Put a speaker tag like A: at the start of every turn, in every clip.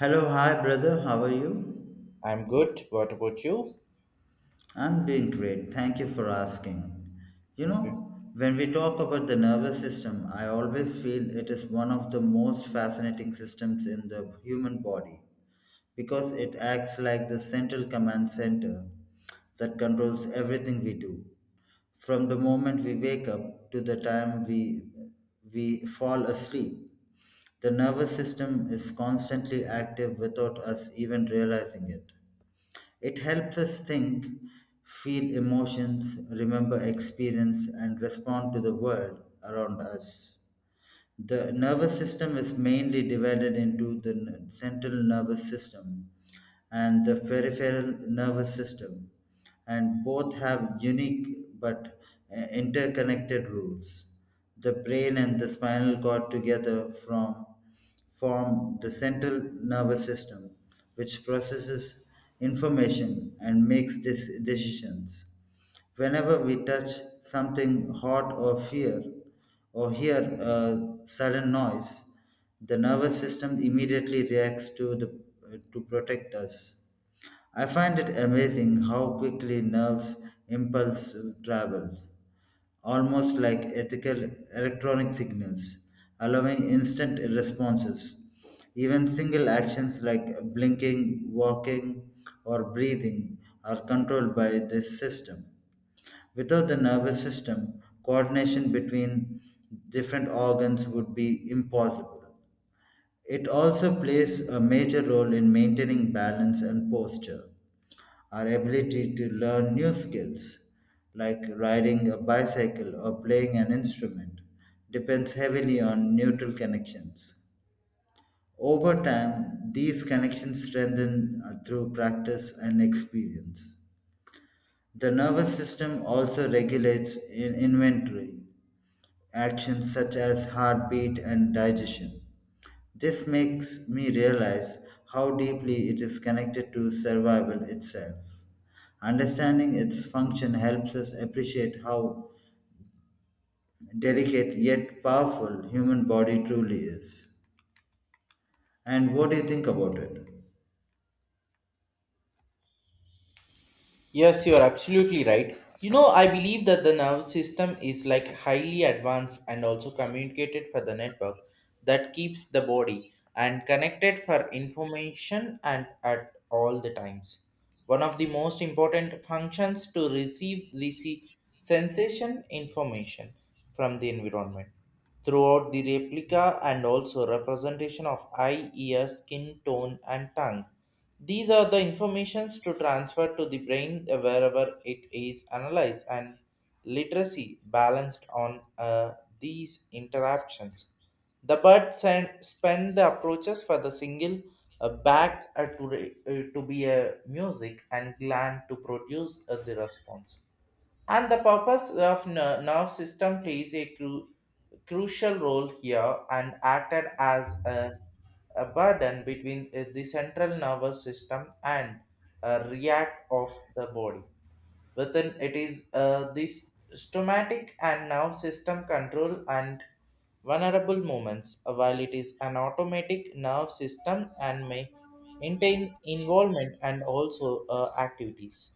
A: Hello, hi brother, how are you?
B: I'm good. What about you?
A: I'm doing great, thank you for asking. You
B: Okay.
A: know, when we talk about the nervous system, I always feel it is one of the most fascinating systems in the human body because it acts like the central command center that controls everything we do, from the moment we wake up to the time we fall asleep. The nervous system is constantly active without us even realizing it. It helps us think, feel emotions, remember experience, and respond to the world around us. The nervous system is mainly divided into the central nervous system and the peripheral nervous system, and both have unique but interconnected rules. The brain and the spinal cord together form the central nervous system, which processes information and makes decisions. Whenever we touch something hot or fear or hear a sudden noise, the nervous system immediately reacts to protect us. I find it amazing how quickly nerves impulse travels, almost like ethical electronic signals, allowing instant responses. Even single actions like blinking, walking, or breathing are controlled by this system. Without the nervous system, coordination between different organs would be impossible. It also plays a major role in maintaining balance and posture. Our ability to learn new skills, like riding a bicycle or playing an instrument, depends heavily on neutral connections. Over time, these connections strengthen through practice and experience. The nervous system also regulates in inventory actions such as heartbeat and digestion. This makes me realize how deeply it is connected to survival itself. Understanding its function helps us appreciate how delicate yet powerful human body truly is. And what do you think about it?
B: Yes, you're absolutely right. You know, I believe that the nervous system is like highly advanced and also communicated for the network that keeps the body and connected for information and at all the times. One of the most important functions to receive the sensation information from the environment, throughout the replica and also representation of eye, ear, skin tone and tongue. These are the informations to transfer to the brain wherever it is analyzed and literacy balanced on these interactions. The bird spend the approaches for the single back to, to be a music and gland to produce the response. And the purpose of nerve system plays a crucial role here and acted as a burden between the central nervous system and react of the body. Within it is this stomatic and nerve system control and vulnerable moments, while it is an automatic nerve system and may maintain involvement and also activities.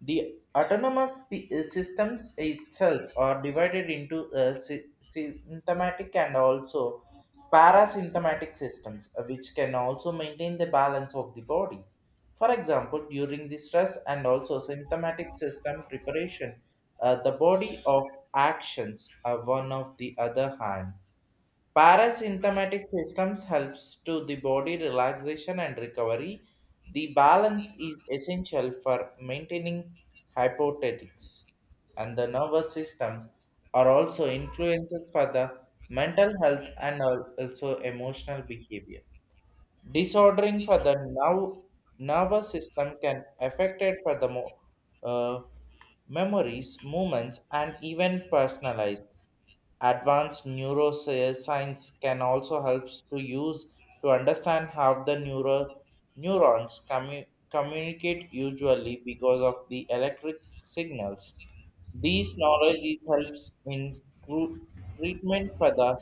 B: The autonomous systems itself are divided into uh, symptomatic and also parasymptomatic systems, which can also maintain the balance of the body. For example, during the stress and also symptomatic system preparation, the body of actions are one of the other hand. Parasympathetic systems helps to the body relaxation and recovery. The balance is essential for maintaining hypothetics, and the nervous system are also influences for the mental health and also emotional behavior disordering for the now nervous system can affect it for the uh, memories, movements, and even personalized. Advanced neuroscience can also helps to use to understand how the neurons communicate usually because of the electric signals. These knowledges helps in treatment for the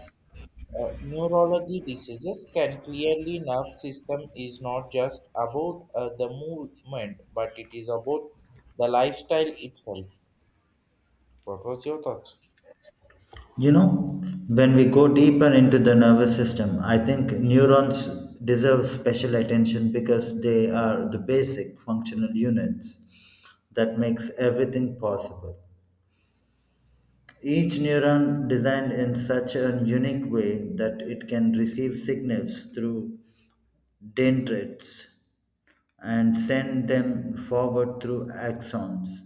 B: neurology diseases, can clearly nerve system is not just about the movement, but it is about the lifestyle itself. What was your thoughts?
A: You know, when we go deeper into the nervous system, I think neurons deserve special attention because they are the basic functional units that makes everything possible. Each neuron designed in such a unique way that it can receive signals through dendrites and send them forward through axons.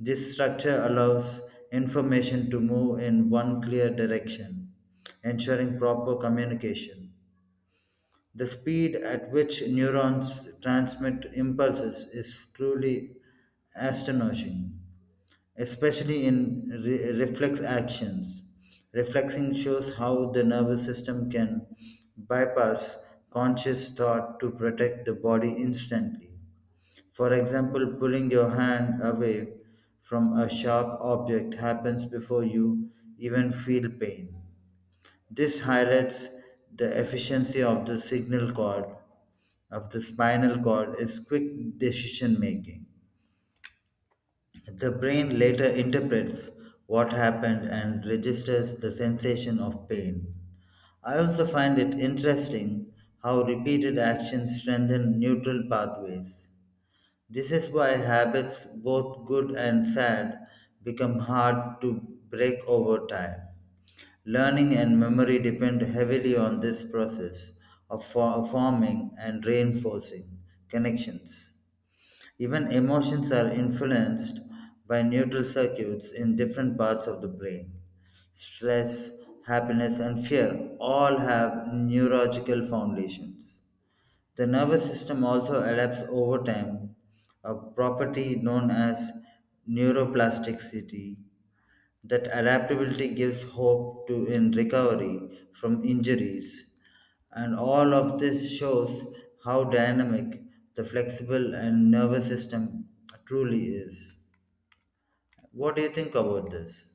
A: This structure allows information to move in one clear direction, ensuring proper communication. The speed at which neurons transmit impulses is truly astonishing, especially in reflex actions. Reflexing shows how the nervous system can bypass conscious thought to protect the body instantly. For example, pulling your hand away from a sharp object happens before you even feel pain. This highlights the efficiency of the spinal cord, is quick decision making. The brain later interprets what happened and registers the sensation of pain. I also find it interesting how repeated actions strengthen neutral pathways. This is why habits, both good and sad, become hard to break over time. Learning and memory depend heavily on this process of forming and reinforcing connections. Even emotions are influenced by neural circuits in different parts of the brain. Stress, happiness, and fear all have neurological foundations. The nervous system also adapts over time, a property known as neuroplasticity, that adaptability gives hope to in recovery from injuries. And all of this shows how dynamic the flexible and nervous system truly is. What do you think about this?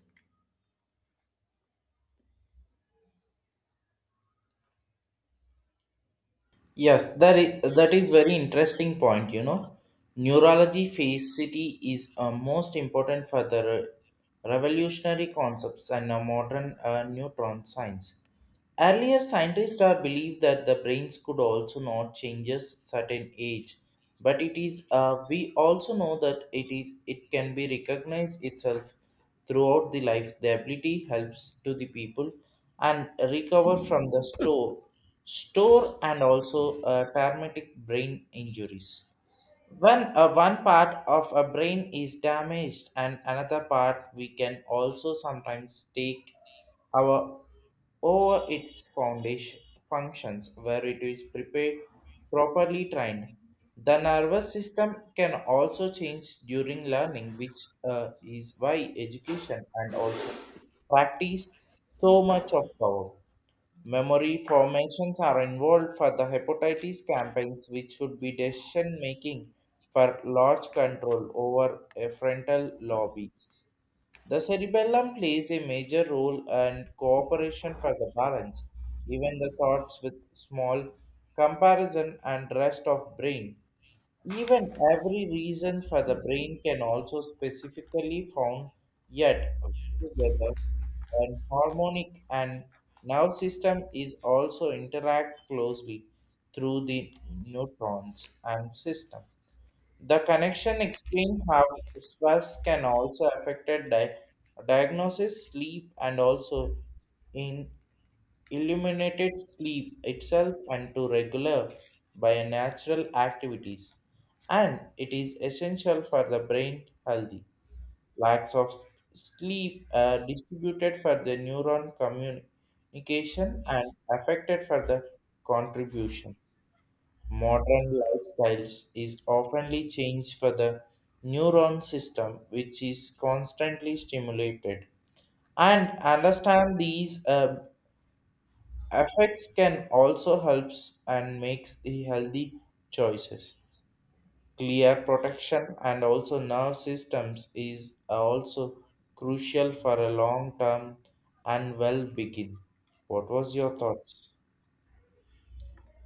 B: Yes, that is very interesting point. You know, neurology facility is most important for the revolutionary concepts and modern neutron science. Earlier, scientists are believed that the brains could also not changes certain age, but it is we also know that it can be recognized itself throughout the life. The ability helps to the people and recover from the store and also traumatic brain injuries. When one part of a brain is damaged and another part, we can also sometimes take our over its foundation functions where it is prepared properly trained. The nervous system can also change during learning, which is why education and also practice so much of power. Memory formations are involved for the hepatitis campaigns, which would be decision making for large control over a frontal lobbies. The cerebellum plays a major role and cooperation for the balance, even the thoughts with small comparison and rest of brain. Even every reason for the brain can also specifically found yet together and harmonic, and nerve system is also interact closely through the neutrons and system. The connection explain how stress can also affect diagnosis, sleep, and also in illuminated sleep itself and to regular by natural activities, and it is essential for the brain healthy. Lacks of sleep are distributed for the neuron communication and affected for the contribution. Modern lifestyles is oftenly changed for the neuron system which is constantly stimulated, and understand these affects can also helps and makes the healthy choices. Clear protection and also nerve systems is also crucial for a long term and well begin. What was your thoughts?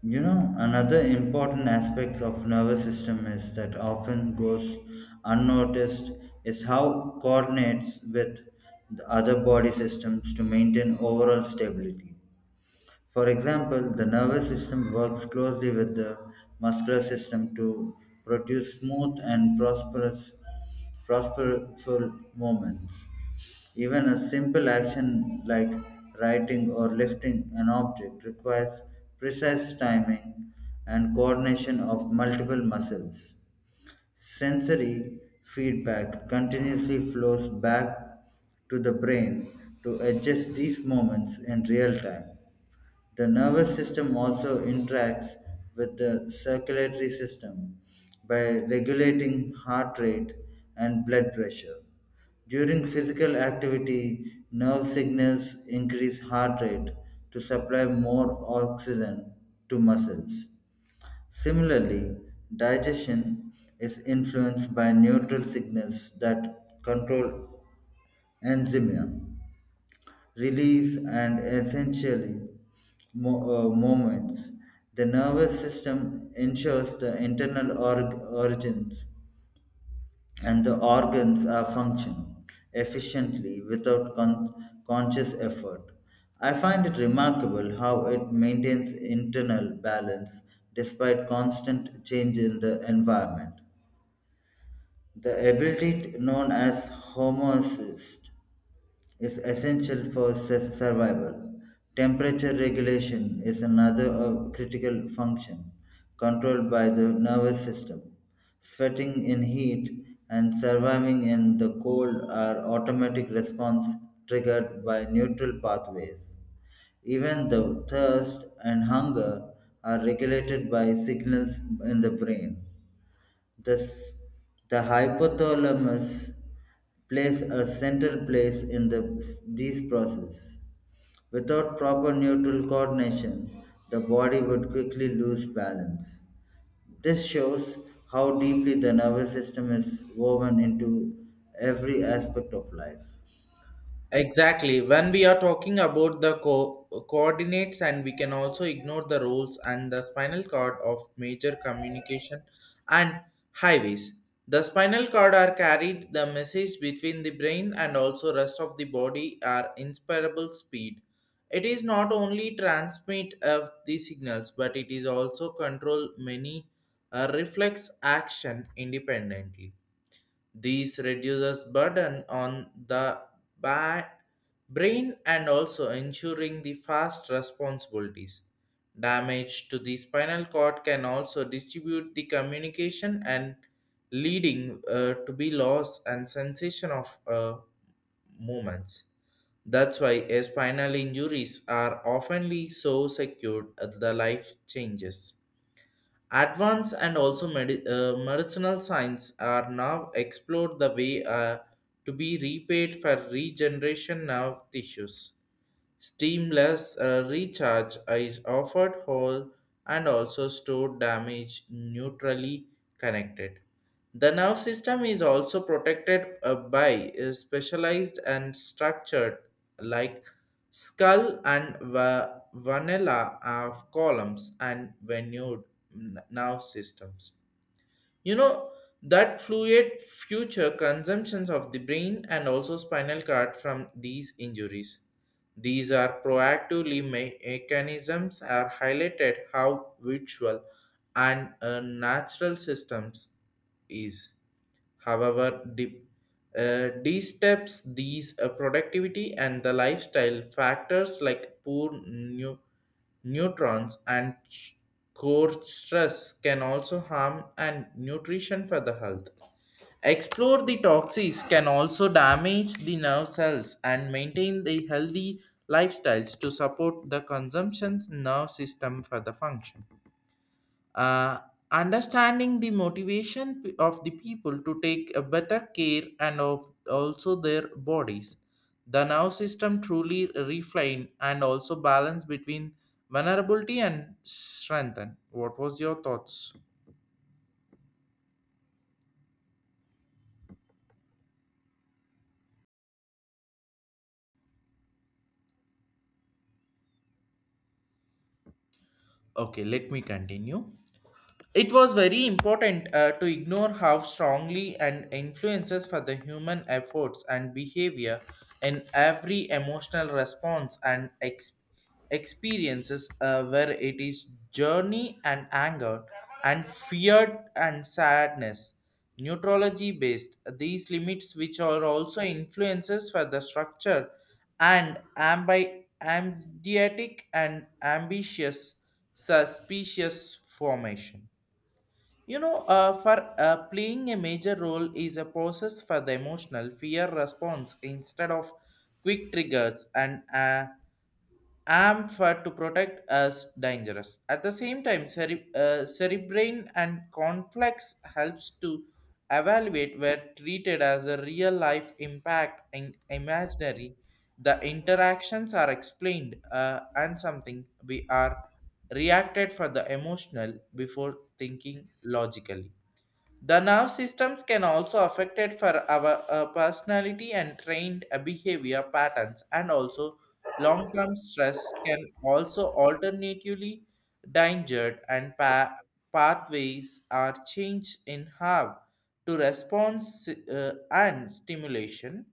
A: You know, another important aspect of nervous system is that often goes unnoticed is how coordinates with the other body systems to maintain overall stability. For example, the nervous system works closely with the muscular system to produce smooth and prosperful movements. Even a simple action like writing or lifting an object requires precise timing and coordination of multiple muscles. Sensory feedback continuously flows back to the brain to adjust these moments in real time. The nervous system also interacts with the circulatory system by regulating heart rate and blood pressure. During physical activity, nerve signals increase heart rate to supply more oxygen to muscles. Similarly, digestion is influenced by neutral signals that control enzymia release, and essentially moments. The nervous system ensures the internal origins and the organs are function efficiently without conscious effort. I find it remarkable how it maintains internal balance despite constant change in the environment. The ability known as homeostasis is essential for survival. Temperature regulation is another critical function controlled by the nervous system. Sweating in heat and surviving in the cold are automatic response triggered by neutral pathways. Even the thirst and hunger are regulated by signals in the brain. Thus, the hypothalamus plays a central place in these processes. Without proper neutral coordination, the body would quickly lose balance. This shows how deeply the nervous system is woven into every aspect of life.
B: Exactly. When we are talking about the coordinates, and we can also ignore the roles and the spinal cord of major communication and highways. The spinal cord are carried the message between the brain and also rest of the body are inspirable speed. It is not only transmit of the signals, but it is also control many reflex action independently. This reduces burden on the ba- brain and also ensuring the fast responsibilities. Damage to the spinal cord can also distribute the communication and leading to be loss and sensation of movements. That's why spinal injuries are oftenly so secured at the life changes. Advanced and also medicinal science are now explored the way to be repaid for regeneration nerve tissues. Steamless recharge is offered whole and also stored damage neutrally connected. The nerve system is also protected by specialized and structured like skull and vanilla of columns and venued nerve systems. You know, that fluid future consumptions of the brain and also spinal cord from these injuries. These are proactively mechanisms are highlighted how virtual and natural systems is. However, de-steps these productivity and the lifestyle factors like poor neutrons and core stress can also harm and nutrition for the health. Explore the toxins can also damage the nerve cells and maintain the healthy lifestyles to support the consumption's nerve system for the function. Uh, Understanding the motivation of the people to take a better care and of also their bodies. The nerve system truly refine and also balance between vulnerability and strengthen. What was your thoughts? Okay, let me continue. It was very important to ignore how strongly and influences for the human efforts and behavior in every emotional response and experiences where it is journey and anger and fear and sadness. Neurology based these limits which are also influences for the structure and ambidiotic and ambitious suspicious formation. You know, for playing a major role is a process for the emotional fear response instead of quick triggers and am for to protect us dangerous. At the same time, cerebrine and complex helps to evaluate were treated as a real life impact and imaginary. The interactions are explained and something we are reacted for the emotional before thinking logically. The nerve systems can also affected for our personality and trained behavior patterns, and also long-term stress can also alternatively danger, and pathways are changed in how to response and stimulation,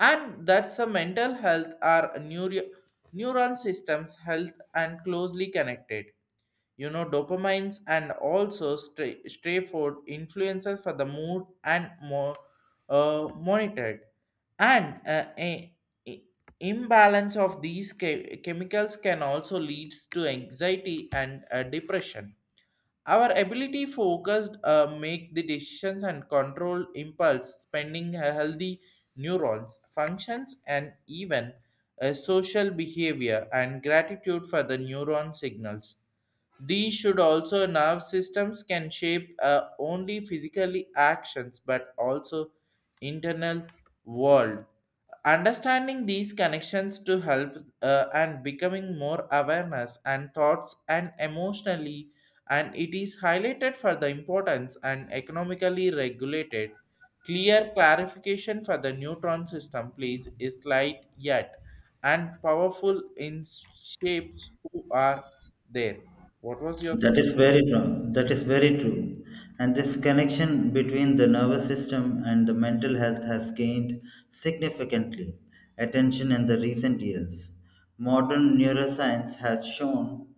B: and that's a mental health are neuron systems health and closely connected. You know, dopamines and also stray food influences for the mood and more monitored, and i- imbalance of these chemicals can also leads to anxiety and depression. Our ability focused make the decisions and control impulse spending a healthy neurons functions, and even a social behavior and gratitude for the neuron signals. These should also nerve systems can shape only physically actions, but also internal world. Understanding these connections to help and becoming more awareness and thoughts and emotionally, and it is highlighted for the importance and economically regulated. Clear clarification for the neutron system, please, is light yet and powerful in shapes who are there. What was your
A: That
B: thought?
A: is very true. That is very true. And this connection between the nervous system and the mental health has gained significantly attention in the recent years. Modern neuroscience has shown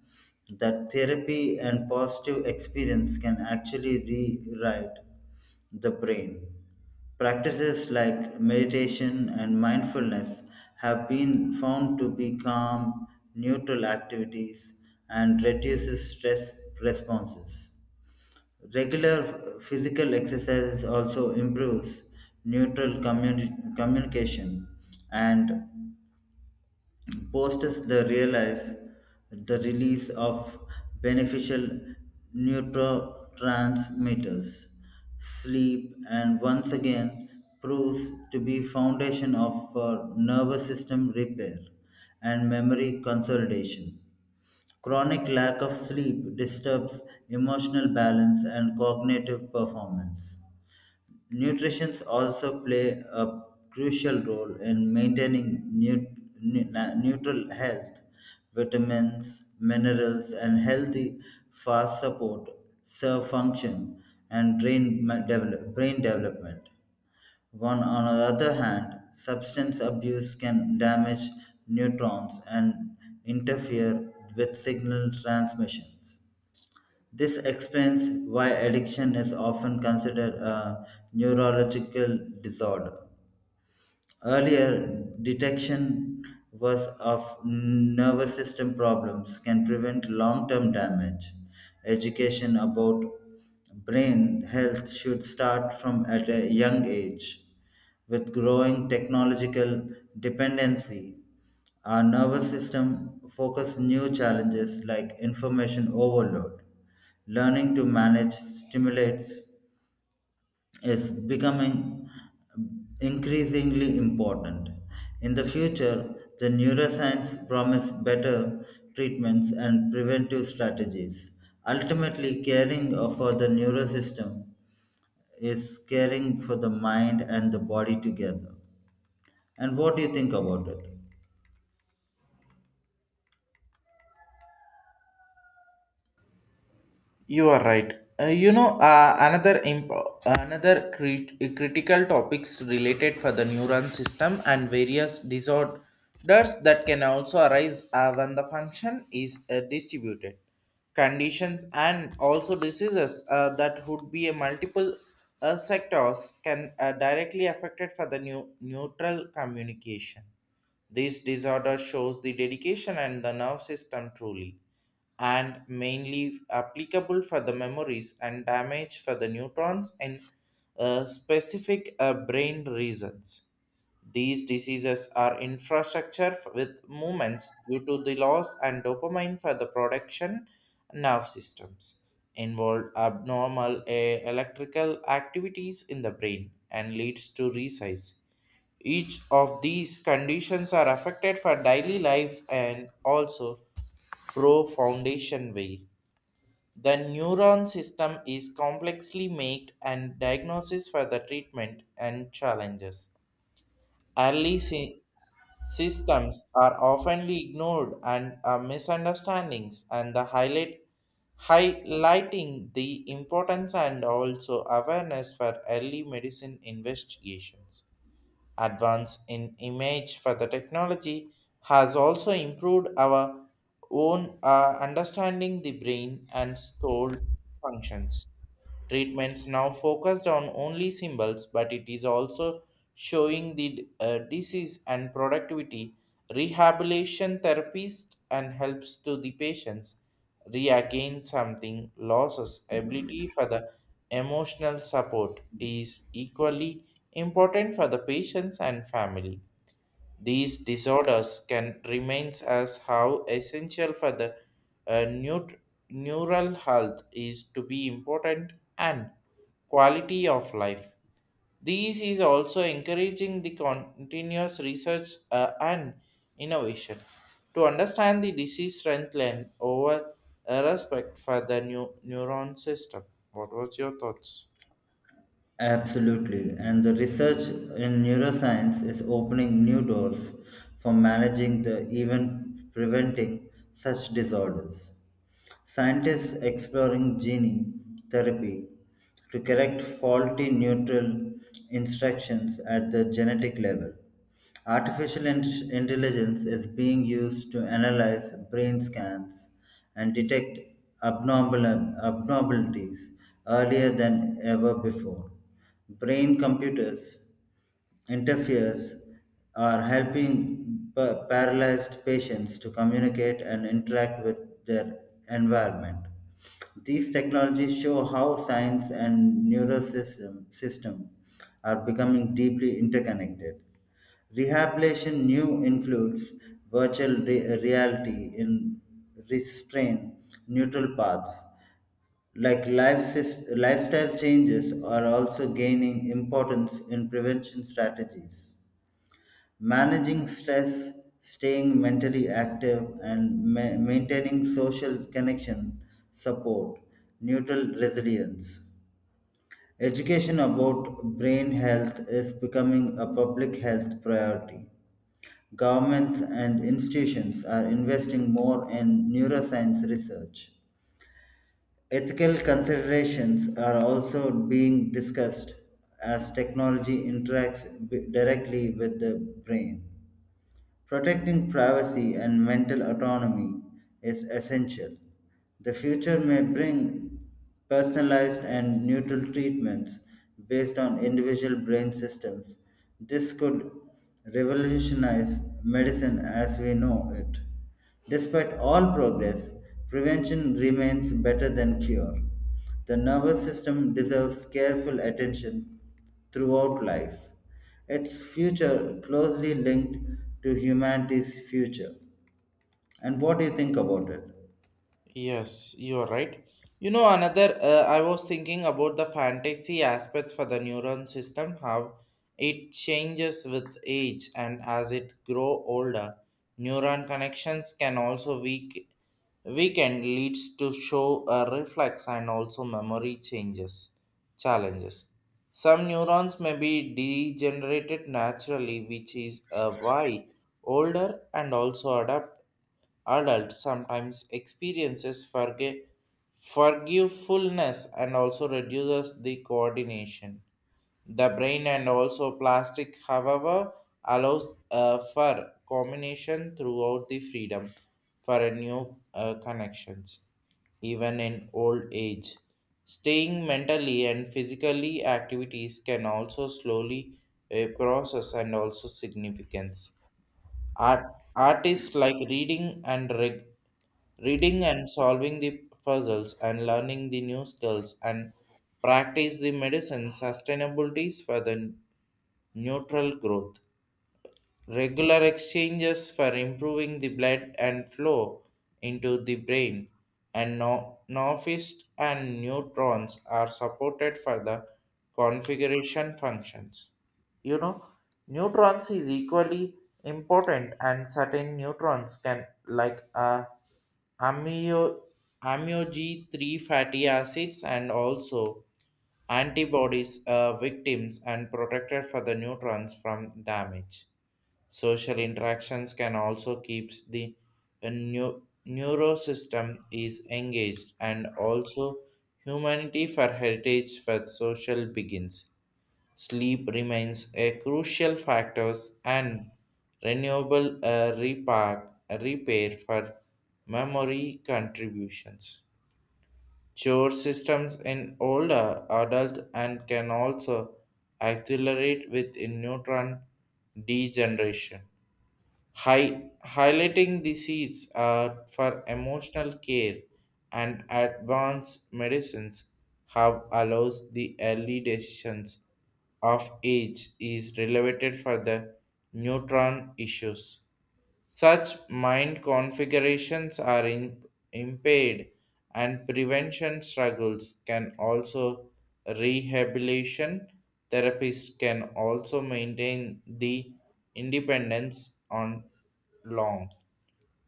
A: that therapy and positive experience can actually rewrite the brain. Practices like meditation and mindfulness have been found to be calm, neutral activities and reduces stress responses. Regular physical exercises also improves neutral communication and post the realize the release of beneficial neurotransmitters. Sleep and once again proves to be foundation of for nervous system repair and memory consolidation. Chronic lack of sleep disturbs emotional balance and cognitive performance. Nutritions also play a crucial role in maintaining neutral health. Vitamins, minerals, and healthy fast support serve function and brain development. One, on the other hand, substance abuse can damage neurons and interfere with signal transmissions. This explains why addiction is often considered a neurological disorder. Earlier detection was of nervous system problems can prevent long-term damage. Education about brain health should start from at a young age. With growing technological dependency, our nervous system focus new challenges like information overload. Learning to manage stimulates is becoming increasingly important. In the future, the neuroscience promise better treatments and preventive strategies. Ultimately, caring for the neurosystem is caring for the mind and the body together. And what do you think about it?
B: You are right. You know, another critical topics related for the neuron system and various disorders that can also arise when the function is distributed. Conditions and also diseases that would be a multiple sectors can directly affected for the new neutral communication. This disorder shows the dedication and the nerve system truly, and mainly applicable for the memories and damage for the neurons and specific brain reasons. These diseases are infrastructure with movements due to the loss and dopamine for the production nerve systems involve abnormal electrical activities in the brain and leads to resize. Each of these conditions are affected for daily life and also pro foundation way. The neuron system is complexly made and diagnosis for the treatment and challenges. Early systems are often ignored and are misunderstandings, and the highlighting the importance and also awareness for early medicine investigations. Advance in image for the technology has also improved our own understanding the brain and soul functions. Treatments now focused on only symbols, but it is also showing the disease and productivity. Rehabilitation therapist and helps to the patients regain something losses. Ability for the emotional support is equally important for the patients and family. These disorders can remain as how essential for the uh, neut- neural health is to be important and quality of life. This is also encouraging the continuous research and innovation to understand the disease strengthen over respect for the new neuron system. What was your thoughts?
A: Absolutely. And the research in neuroscience is opening new doors for managing the even preventing such disorders. Scientists exploring gene therapy to correct faulty neutral instructions at the genetic level. Artificial intelligence is being used to analyze brain scans and detect abnormal abnormalities earlier than ever before. Brain computers interferes are helping paralyzed patients to communicate and interact with their environment. These technologies show how science and neurosystem system are becoming deeply interconnected. Rehabilitation new includes virtual reality in restrain neutral paths like lifestyle changes are also gaining importance in prevention strategies. Managing stress, staying mentally active, and maintaining social connection support neutral resilience. Education about brain health is becoming a public health priority. Governments and institutions are investing more in neuroscience research. Ethical considerations are also being discussed as technology interacts directly with the brain. Protecting privacy and mental autonomy is essential. The future may bring personalized and neutral treatments based on individual brain systems. This could revolutionize medicine as we know it. Despite all progress, prevention remains better than cure. The nervous system deserves careful attention throughout life. Its future closely linked to humanity's future. And what do you think about it?
B: Yes, you are right. You know, I was thinking about the fantasy aspects for the neuron system, how it changes with age, and as it grow older, neuron connections can also weaken, leads to show a reflex and also memory challenges. Some neurons may be degenerated naturally, which is why older and also adapt adults sometimes experiences forgetfulness and also reduces the coordination. The brain and also plastic, however, allows for combination throughout the freedom for a new connections, even in old age. Staying mentally and physically activities can also slowly process and also significance. Art, Artists like reading and reading and solving the puzzles and learning the new skills and practice the medicine sustainabilities for the neutral growth, regular exchanges for improving the blood and flow into the brain, and nophist and neutrons are supported for the configuration functions. You know, neutrons is equally important, and certain neutrons can like amio amio G3 fatty acids and also antibodies victims and protected for the neutrons from damage. Social interactions can also keeps the neurosystem is engaged and also humanity for heritage for social begins. Sleep remains a crucial factors and renewable repair for memory contributions. Chore systems in older adult and can also accelerate with in neutron degeneration. Highlighting the seeds for emotional care and advanced medicines have allows the early decisions of age is related for the neutron issues. Such mind configurations are impaired, and prevention struggles can also rehabilitation therapists can also maintain the independence on long.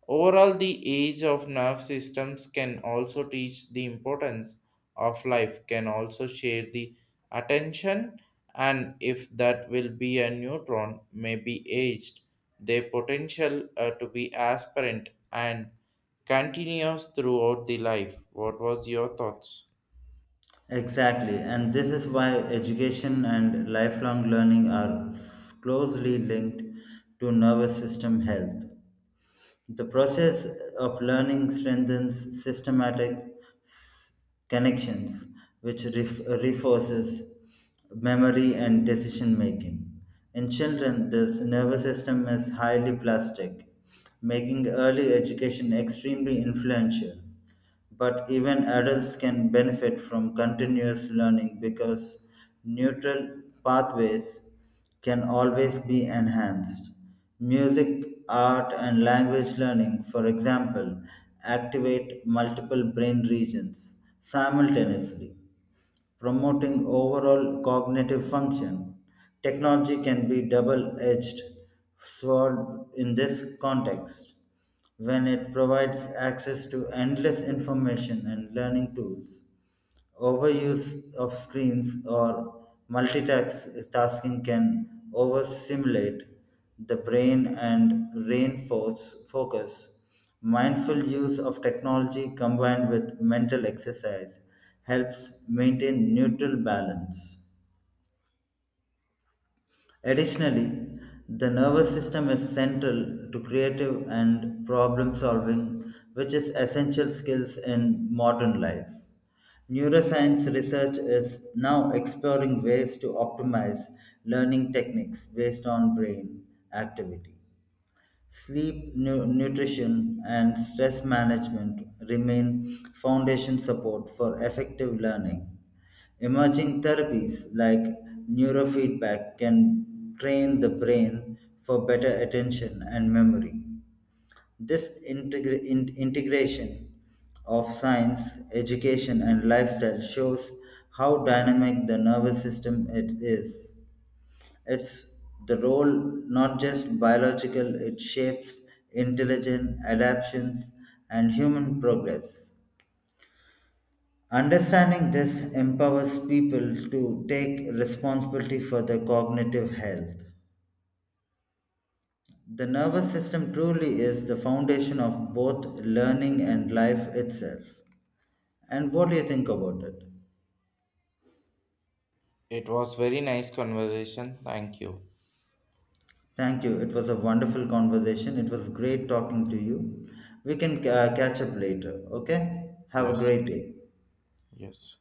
B: Overall, the age of nerve systems can also teach the importance of life, can also share the attention, and if that will be a neutron, may be aged, their potential to be aspirant and continuous throughout the life. What was your thoughts?
A: Exactly, and this is why education and lifelong learning are closely linked to nervous system health. The process of learning strengthens systematic connections, which reinforces memory and decision making. In children, this nervous system is highly plastic, making early education extremely influential. But even adults can benefit from continuous learning because neutral pathways can always be enhanced. Music, art, and language learning, for example, activate multiple brain regions simultaneously, promoting overall cognitive function. Technology can be double edged sword in this context when it provides access to endless information and learning tools. Overuse of screens or multitasking can overstimulate the brain and reinforce focus. Mindful use of technology combined with mental exercise helps maintain neutral balance. Additionally, the nervous system is central to creative and problem solving, which is essential skills in modern life. Neuroscience research is now exploring ways to optimize learning techniques based on brain activity. Sleep, nutrition, and stress management remain foundation support for effective learning. Emerging therapies like neurofeedback can train the brain for better attention and memory. This integration of science, education, and lifestyle shows how dynamic the nervous system it is. It's the role not just biological, it shapes intelligence, adaptations, and human progress. Understanding this empowers people to take responsibility for their cognitive health. The nervous system truly is the foundation of both learning and life itself. And what do you think about it?
B: It was very nice conversation. Thank you.
A: Thank you. It was a wonderful conversation. It was great talking to you. We can catch up later. Okay? Have a
B: Yes,
A: great day.
B: yes.